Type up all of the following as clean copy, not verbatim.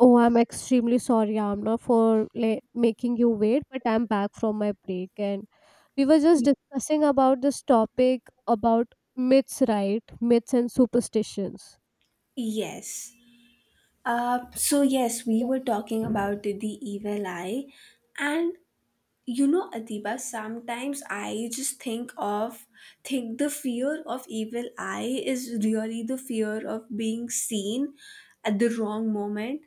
Oh, I'm extremely sorry, Amna, for like, making you wait, but I'm back from my break. And we were just discussing about this topic about myths, right? Myths and superstitions. Yes. So we were talking about the evil eye, and you know, Adiba, sometimes I just think the fear of evil eye is really the fear of being seen at the wrong moment,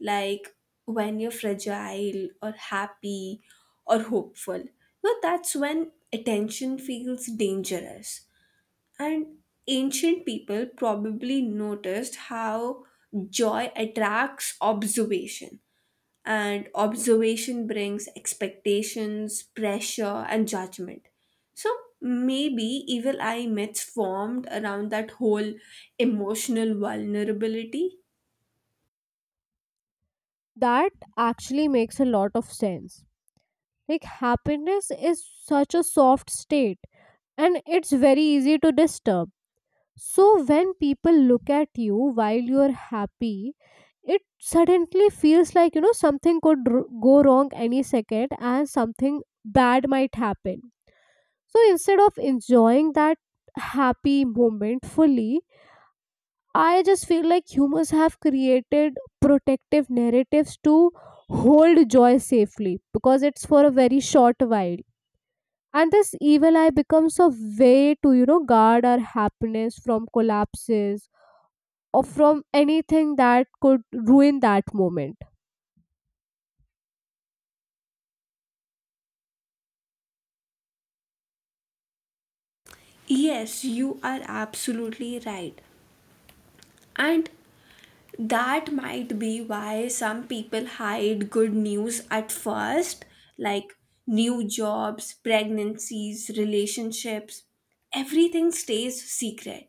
like when you're fragile or happy or hopeful. No, that's when attention feels dangerous. And ancient people probably noticed how joy attracts observation, and observation brings expectations, pressure, and judgment. So maybe evil eye myths formed around that whole emotional vulnerability. That actually makes a lot of sense. Like, happiness is such a soft state, and it's very easy to disturb. So when people look at you while you're happy, it suddenly feels like you know something could go wrong any second and something bad might happen. So instead of enjoying that happy moment fully, I just feel like humans have created protective narratives to hold joy safely because it's for a very short while. And this evil eye becomes a way to, you know, guard our happiness from collapses or from anything that could ruin that moment. Yes, you are absolutely right. And that might be why some people hide good news at first, like new jobs, pregnancies, relationships. Everything stays secret.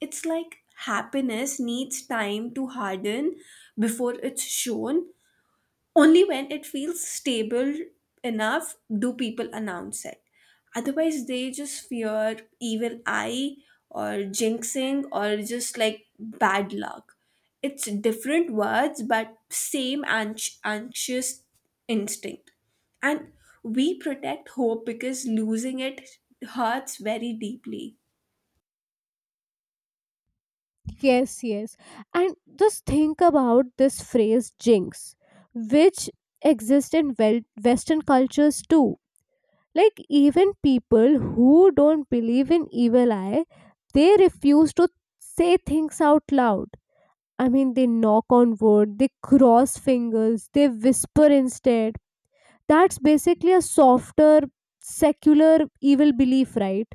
It's like happiness needs time to harden before it's shown, only when it feels stable enough do people announce it. Otherwise, they just fear evil eye or jinxing or just like bad luck. It's different words, but same anxious instinct. And we protect hope because losing it hurts very deeply. Yes, yes. And just think about this phrase jinx, which exists in Western cultures too. Like, even people who don't believe in evil eye, they refuse to say things out loud. I mean, they knock on wood, they cross fingers, they whisper instead. That's basically a softer, secular evil belief, right?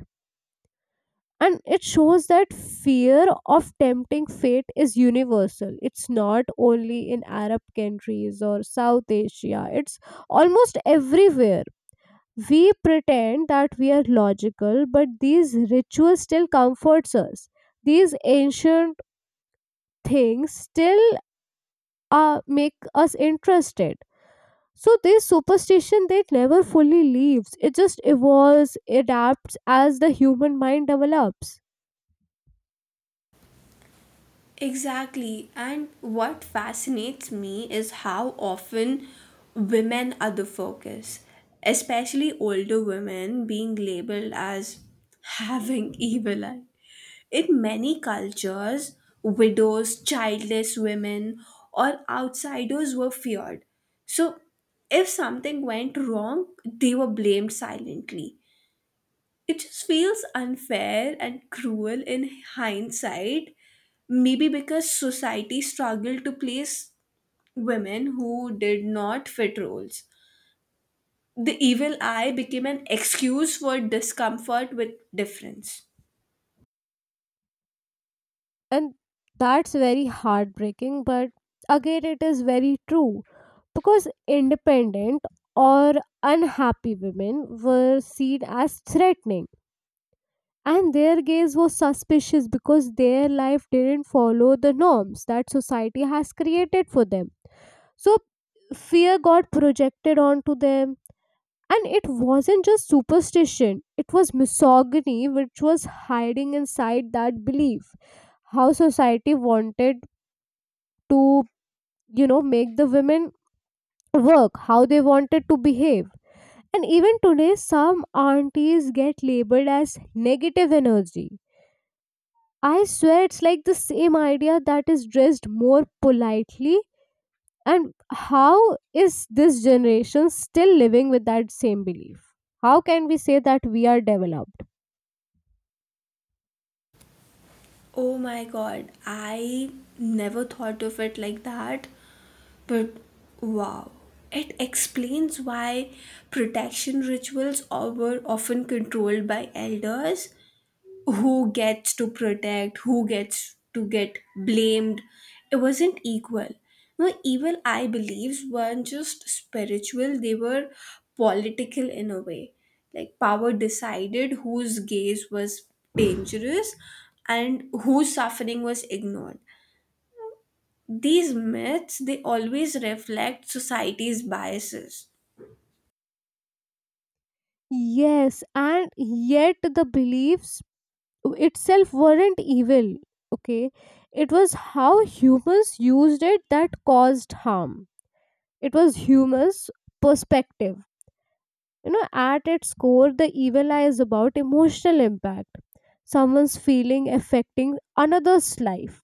And it shows that fear of tempting fate is universal. It's not only in Arab countries or South Asia, it's almost everywhere. We pretend that we are logical, but these rituals still comforts us. These ancient things still make us interested. So this superstition that never fully leaves. It just evolves, adapts as the human mind develops. Exactly. And what fascinates me is how often women are the focus, especially older women being labeled as having evil eye. In many cultures, widows, childless women, or outsiders were feared. So, if something went wrong, they were blamed silently. It just feels unfair and cruel in hindsight, maybe because society struggled to place women who did not fit roles. The evil eye became an excuse for discomfort with difference. And that's very heartbreaking, but again it is very true. Because independent or unhappy women were seen as threatening. And their gaze was suspicious because their life didn't follow the norms that society has created for them. So fear got projected onto them. And it wasn't just superstition, it was misogyny which was hiding inside that belief. How society wanted to, you know, make the women work, how they wanted to behave. And even today, some aunties get labeled as negative energy. I swear it's like the same idea that is dressed more politely. And how is this generation still living with that same belief? How can we say that we are developed? Oh my god, I never thought of it like that, but wow. It explains why protection were often controlled by elders who gets to protect, who gets to get blamed. It wasn't equal. No, evil, I believe, weren't just spiritual, they were political in a way. Like, power decided whose gaze was dangerous and whose suffering was ignored. These myths, they always reflect society's biases. Yes, and yet the beliefs itself weren't evil, okay? It was how humans used it that caused harm. It was humans' perspective. You know, at its core, the evil eye is about emotional impact, someone's feeling affecting another's life,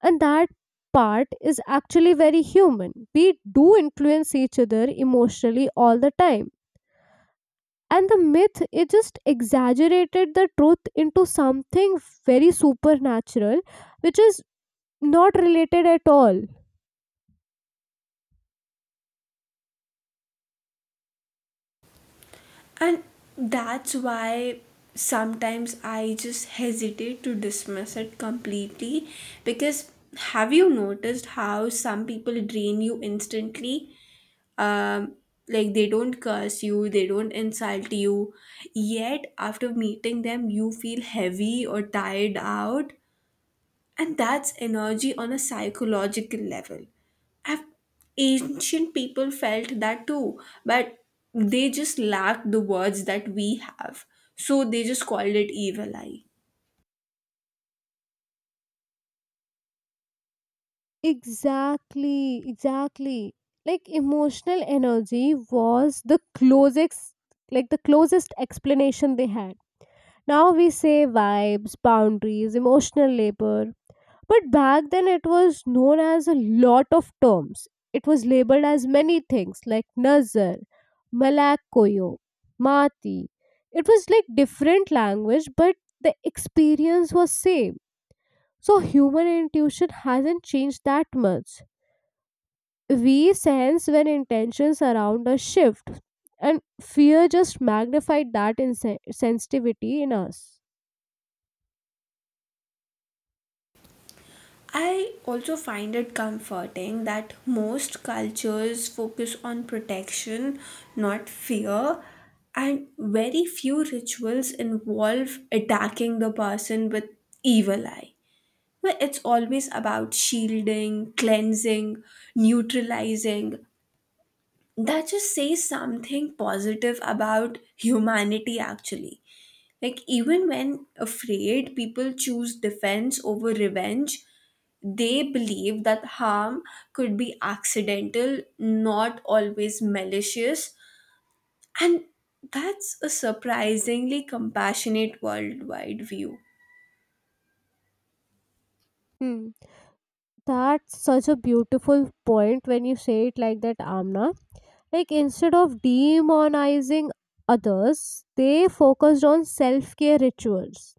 and that part is actually very human. We do influence each other emotionally all the time, and the myth it just exaggerated the truth into something very supernatural, which is not related at all. And that's why sometimes I just hesitate to dismiss it completely, because have you noticed how some people drain you instantly? um like, they don't curse you, they don't insult you, yet after meeting them you feel heavy or tired out, and that's energy on a psychological level. I've, Ancient people felt that too, but they just lacked the words that we have. So they just called it evil eye. Exactly, exactly. Like emotional energy was the closest, like the closest explanation they had. Now we say vibes, boundaries, emotional labor. But back then, it was known as a lot of terms. It was labeled as many things like Nazar, Malakoyo, Mati. It was like different language, but the experience was same. So human intuition hasn't changed that much. We sense when intentions around us shift, and fear just magnified that sensitivity in us. I also find it comforting that most cultures focus on protection, not fear, and very few rituals involve attacking the person with evil eye. Well, it's always about shielding, cleansing, neutralizing. That just says something positive about humanity, actually. Like, even when afraid, people choose defense over revenge. They believe that harm could be accidental, not always malicious. And that's a surprisingly compassionate worldwide view. Hmm. That's such a beautiful point when you say it like that, Amna. Like instead of demonizing others, they focused on self care rituals,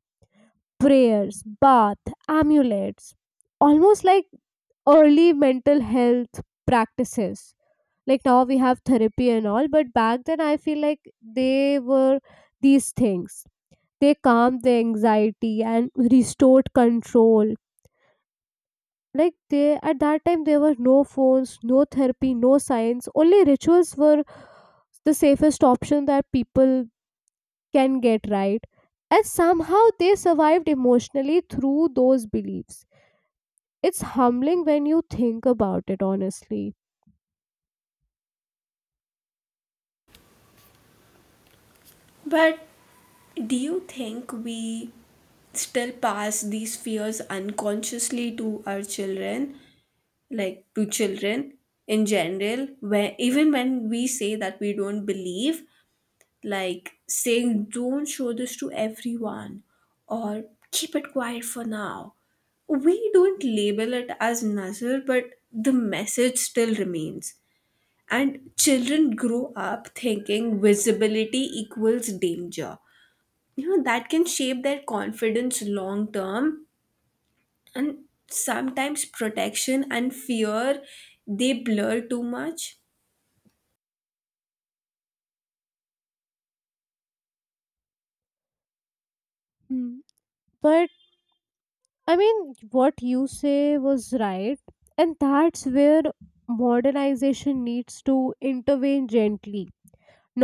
prayers, bath, amulets, almost like early mental health practices. Like now we have therapy and all, but back then I feel like they were these things. They calmed the anxiety and restored control, like they at that time there were no phones, no therapy, no science, only rituals were the safest option that people can get, right? And somehow they survived emotionally through those beliefs. It's humbling when you think about it, honestly. But do you think we still pass these fears unconsciously to our children, like to children in general, where even when we say that we don't believe, like saying don't show this to everyone or keep it quiet for now. We don't label it as nazar, but the message still remains. And children grow up thinking visibility equals danger, you know that can shape their confidence long term, and sometimes protection and fear they blur too much. Hmm. But I mean, what you say was right, and that's where modernization needs to intervene gently,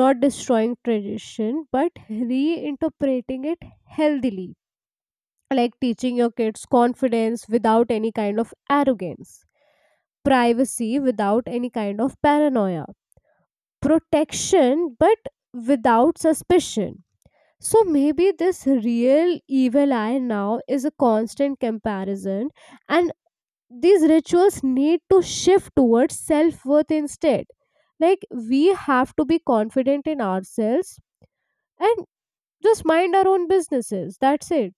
not destroying tradition but reinterpreting it healthily. Like teaching your kids confidence without any kind of arrogance, privacy without any kind of paranoia, protection but without suspicion. So maybe this real evil eye now is a constant comparison, and these rituals need to shift towards self worth instead. Like we have to be confident in ourselves and just mind our own businesses, that's it.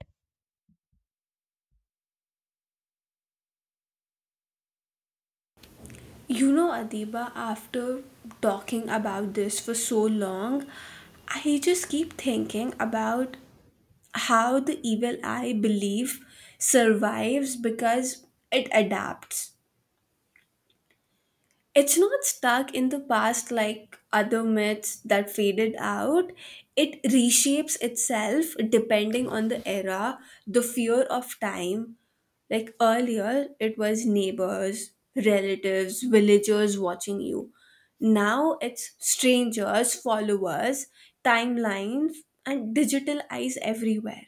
You know, Adiba, after talking about this for so long, I just keep thinking about how the evil eye belief survives because it adapts. It's not stuck in the past like other myths that faded out. It reshapes itself depending on the era, the fear of time. Like earlier, it was neighbors, relatives, villagers watching you. Now it's strangers, followers, timelines, and digital eyes everywhere.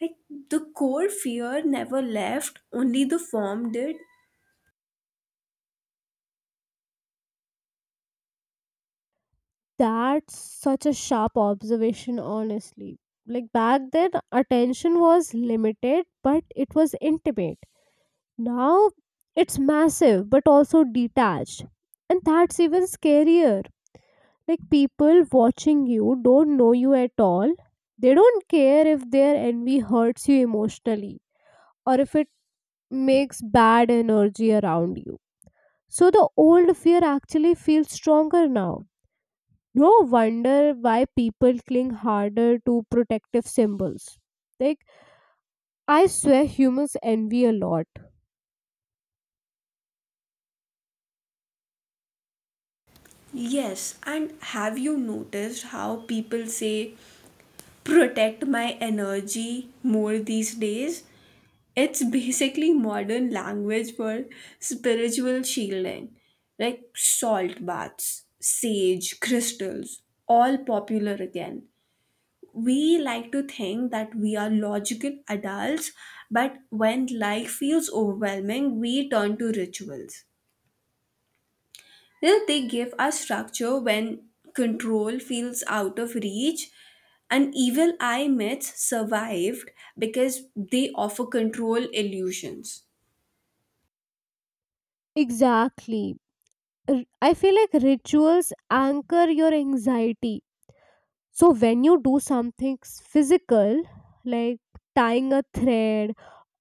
Like the core fear never left, only the form did. That's such a sharp observation, honestly. Like back then attention was limited but it was intimate. Now it's massive but also detached, and that's even scarier. Like people watching you don't know you at all. They don't care if their envy hurts you emotionally or if it makes bad energy around you. So the old fear actually feels stronger now. No wonder why people cling harder to protective symbols. Like, I swear humans envy a lot. Yes, and have you noticed how people say protect my energy more these days? It's basically modern language for spiritual shielding, like salt baths, sage, crystals, all popular again. We like to think that we are logical adults, but when life feels overwhelming, we turn to rituals. Then they give us structure when control feels out of reach. And evil eye myths survived because they offer control illusions. Exactly. I feel like rituals anchor your anxiety. So, when you do something physical, like tying a thread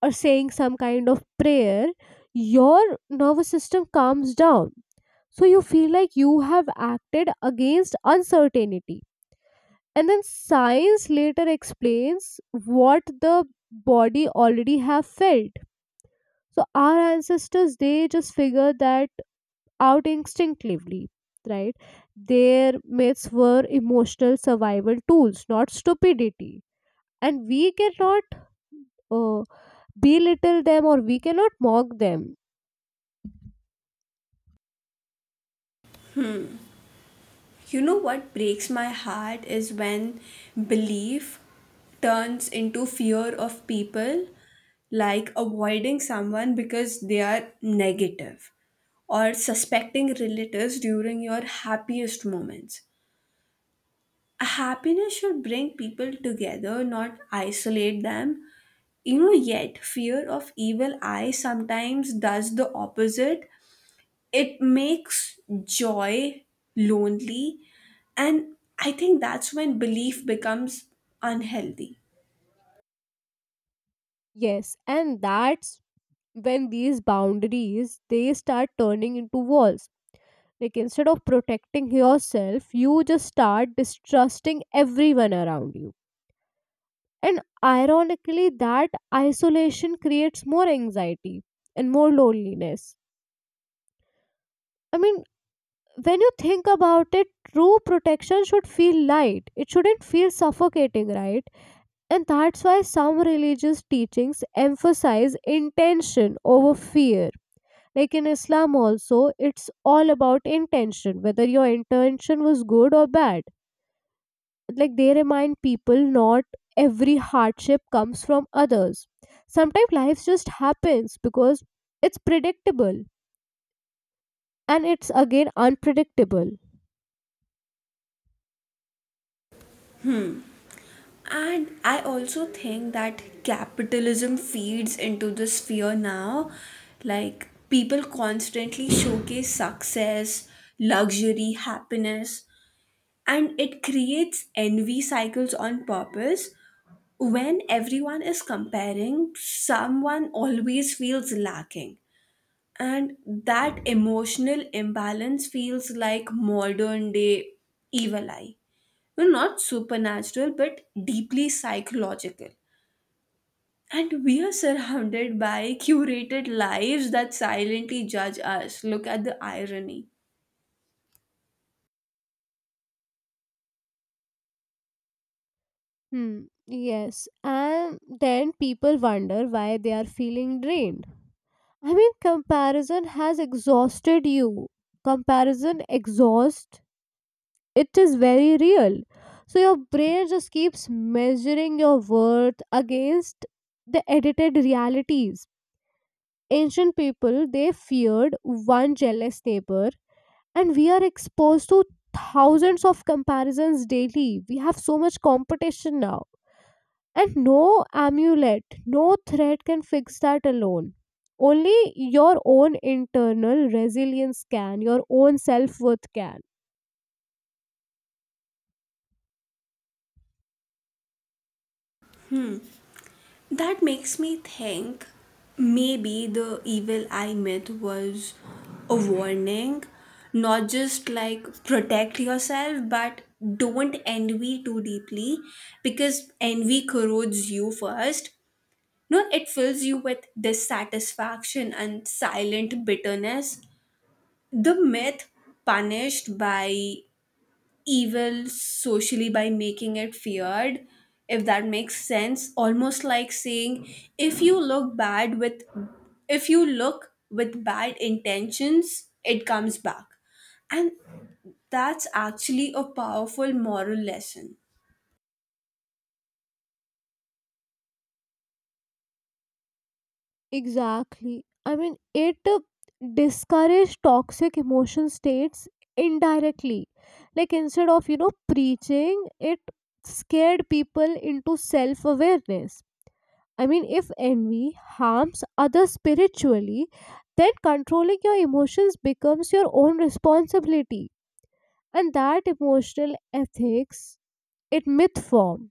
or saying some kind of prayer, your nervous system calms down. So, you feel like you have acted against uncertainty. And then science later explains what the body already have felt. So our ancestors they just figured that out instinctively, right? Their myths were emotional survival tools, not stupidity, and we cannot uh, belittle them or we cannot mock them. You know what breaks my heart is when belief turns into fear of people, like avoiding someone because they are negative or suspecting relatives during your happiest moments. Happiness should bring people together, not isolate them. You know, yet fear of evil eye sometimes does the opposite. It makes joy lonely, and I think that's when belief becomes unhealthy. Yes, and that's when these boundaries they start turning into walls. Like instead of protecting yourself you just start distrusting everyone around you, and ironically that isolation creates more anxiety and more loneliness. I mean, when you think about it, true protection should feel light, it shouldn't feel suffocating, right? And that's why some religious teachings emphasize intention over fear. Like in Islam also, it's all about intention, whether your intention was good or bad. Like they remind people not every hardship comes from others, sometimes life just happens because it's predictable and it's again unpredictable. And I also think that capitalism feeds into this fear now. Like people constantly showcase success, luxury, happiness, and it creates envy cycles on purpose. When everyone is comparing, someone always feels lacking, and that emotional imbalance feels like modern day evil eye. Well, not supernatural but deeply psychological, and we are surrounded by curated lives that silently judge us. Look at the irony. Hmm. Yes. And then people wonder why they are feeling drained. I mean, comparison has exhausted you. Comparison exhaust. It is very real. So your brain just keeps measuring your worth against the edited realities. Ancient people they feared one jealous neighbor, and we are exposed to thousands of comparisons daily. We have so much competition now, and no amulet, no threat can fix that alone. Only your own internal resilience can, your own self-worth can. That makes me think maybe the evil eye myth was a warning, not just like protect yourself, but don't envy too deeply because envy corrodes you first. No, it fills you with dissatisfaction and silent bitterness. The myth punished by evil socially by making it feared, if that makes sense, almost like saying if you look bad with, if you look with bad intentions, it comes back. And that's actually a powerful moral lesson. Exactly. I mean, it discourage toxic emotion states indirectly. Like instead of you know preaching, it scared people into self awareness. I mean, if envy harms others spiritually, then controlling your emotions becomes your own responsibility, and that emotional ethics it myth form.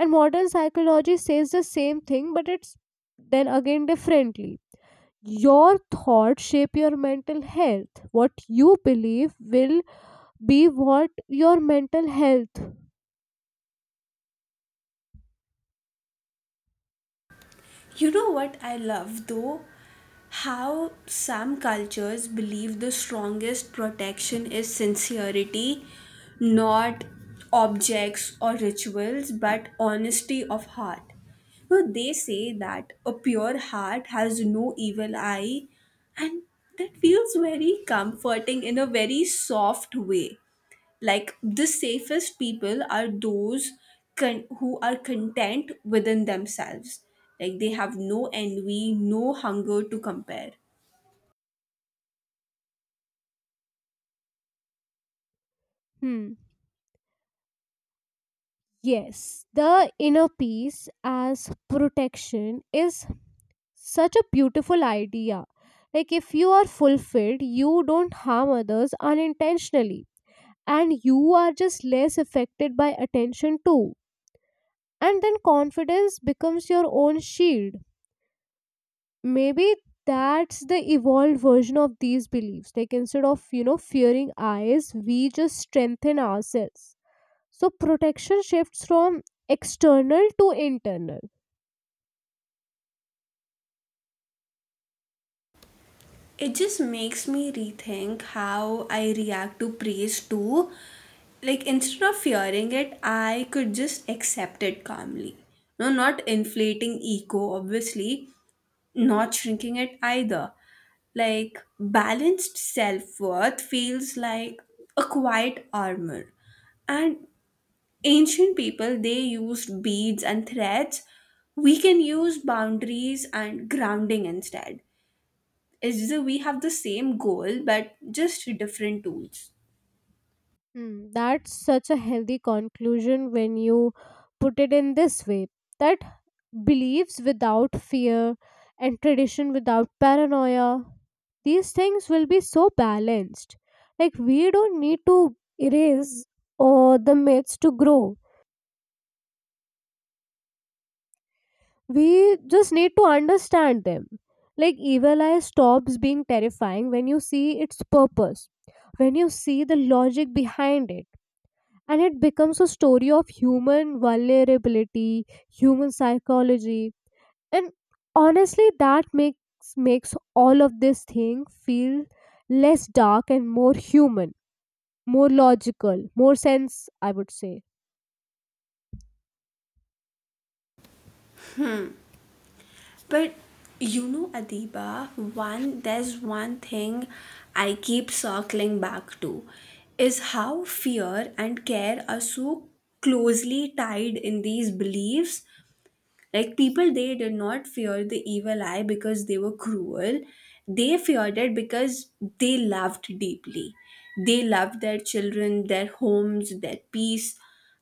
And modern psychology says the same thing, but it's then again differently. Your thoughts shape your mental health, what you believe will be what your mental health. You know what I love though? How some cultures believe the strongest protection is sincerity, not objects or rituals, but honesty of heart. No, they say that a pure heart has no evil eye, and that feels very comforting in a very soft way. Like the safest people are those who are content within themselves, like they have no envy, no hunger to compare. Hmm. Yes, the inner peace as protection is such a beautiful idea. Like if you are fulfilled you don't harm others unintentionally, and you are just less affected by attention too. And then confidence becomes your own shield. Maybe that's the evolved version of these beliefs, like instead of you know fearing eyes we just strengthen ourselves. So protection shifts from external to internal. It just makes me rethink how I react to praise too. Like, instead of fearing it, I could just accept it calmly. No, not inflating ego obviously, not shrinking it either. Like balanced self worth feels like a quiet armor. And ancient people, they used beads and threads. We can use boundaries and grounding instead. It's just that we have the same goal, but just different tools. Hmm, that's such a healthy conclusion when you put it in this way, that beliefs without fear and tradition without paranoia, these things will be so balanced. Like we don't need to erase or the myths to grow, we just need to understand them. Like evil eye stops being terrifying when you see its purpose, when you see the logic behind it, and it becomes a story of human vulnerability, human psychology, and honestly, that makes all of this thing feel less dark and more human, more logical, more sense, I would say. But you know, Adiba, one there's one thing I keep circling back to is how fear and care are so closely tied in these beliefs. Like people, they did not fear the evil eye because they were cruel. They feared it because they loved deeply. They loved their children, their homes, their peace.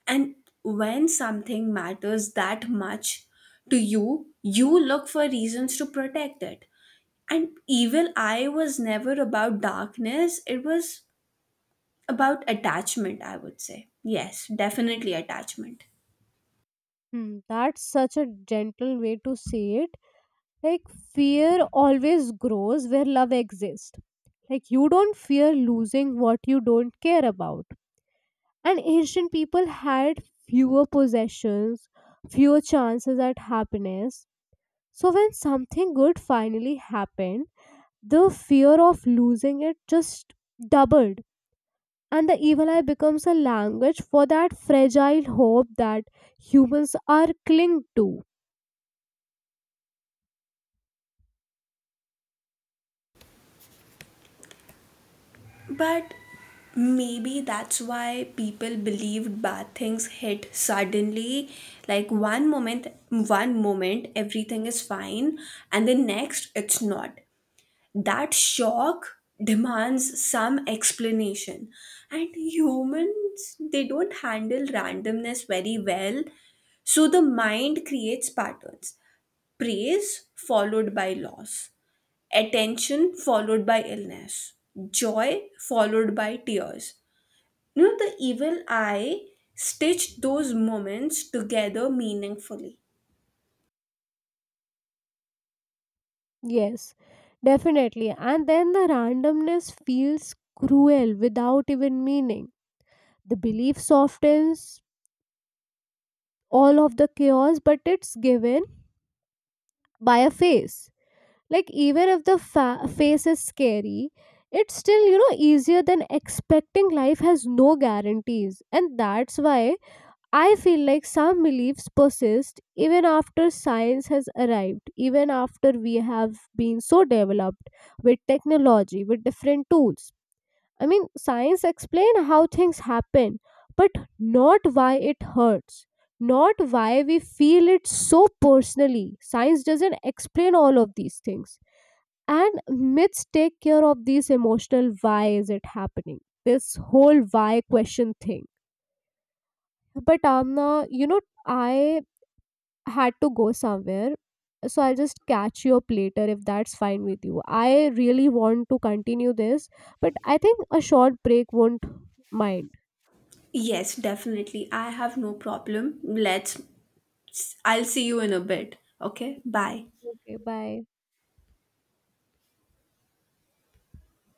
And when something matters that much to you, you look for reasons to protect it. And evil eye was never about darkness, it was about attachment, I would say. Yes, definitely attachment. Hmm, that's such a gentle way to say it. Like fear always grows where love exists. Like you don't fear losing what you don't care about, and ancient people had fewer possessions, fewer chances at happiness. So when something good finally happened, the fear of losing it just doubled, and the evil eye becomes a language for that fragile hope that humans are clinged to. But maybe that's why people believed bad things hit suddenly. Like one moment, everything is fine, and the next, it's not. That shock demands some explanation. And humans, they don't handle randomness very well. So the mind creates patterns, praise followed by loss, attention followed by illness, joy followed by tears. You know, the evil eye stitched those moments together meaningfully. Yes, definitely. And then the randomness feels cruel without even meaning. The belief softens all of the chaos, but it's given by a face. Like, even if the face is scary, it's still, you know, easier than expecting life has no guarantees. And that's why I feel like some beliefs persist even after science has arrived, even after we have been so developed with technology, with different tools. I mean, science explain how things happen, but not why it hurts, not why we feel it so personally. Science doesn't explain all of these things. And myths take care of these emotional why is it happening? This whole why question thing. But Amna, you know, I had to go somewhere. So I'll just catch you up later if that's fine with you. I really want to continue this, but I think a short break won't mind. Yes, definitely. I have no problem. I'll see you in a bit. Okay, bye. Okay, bye.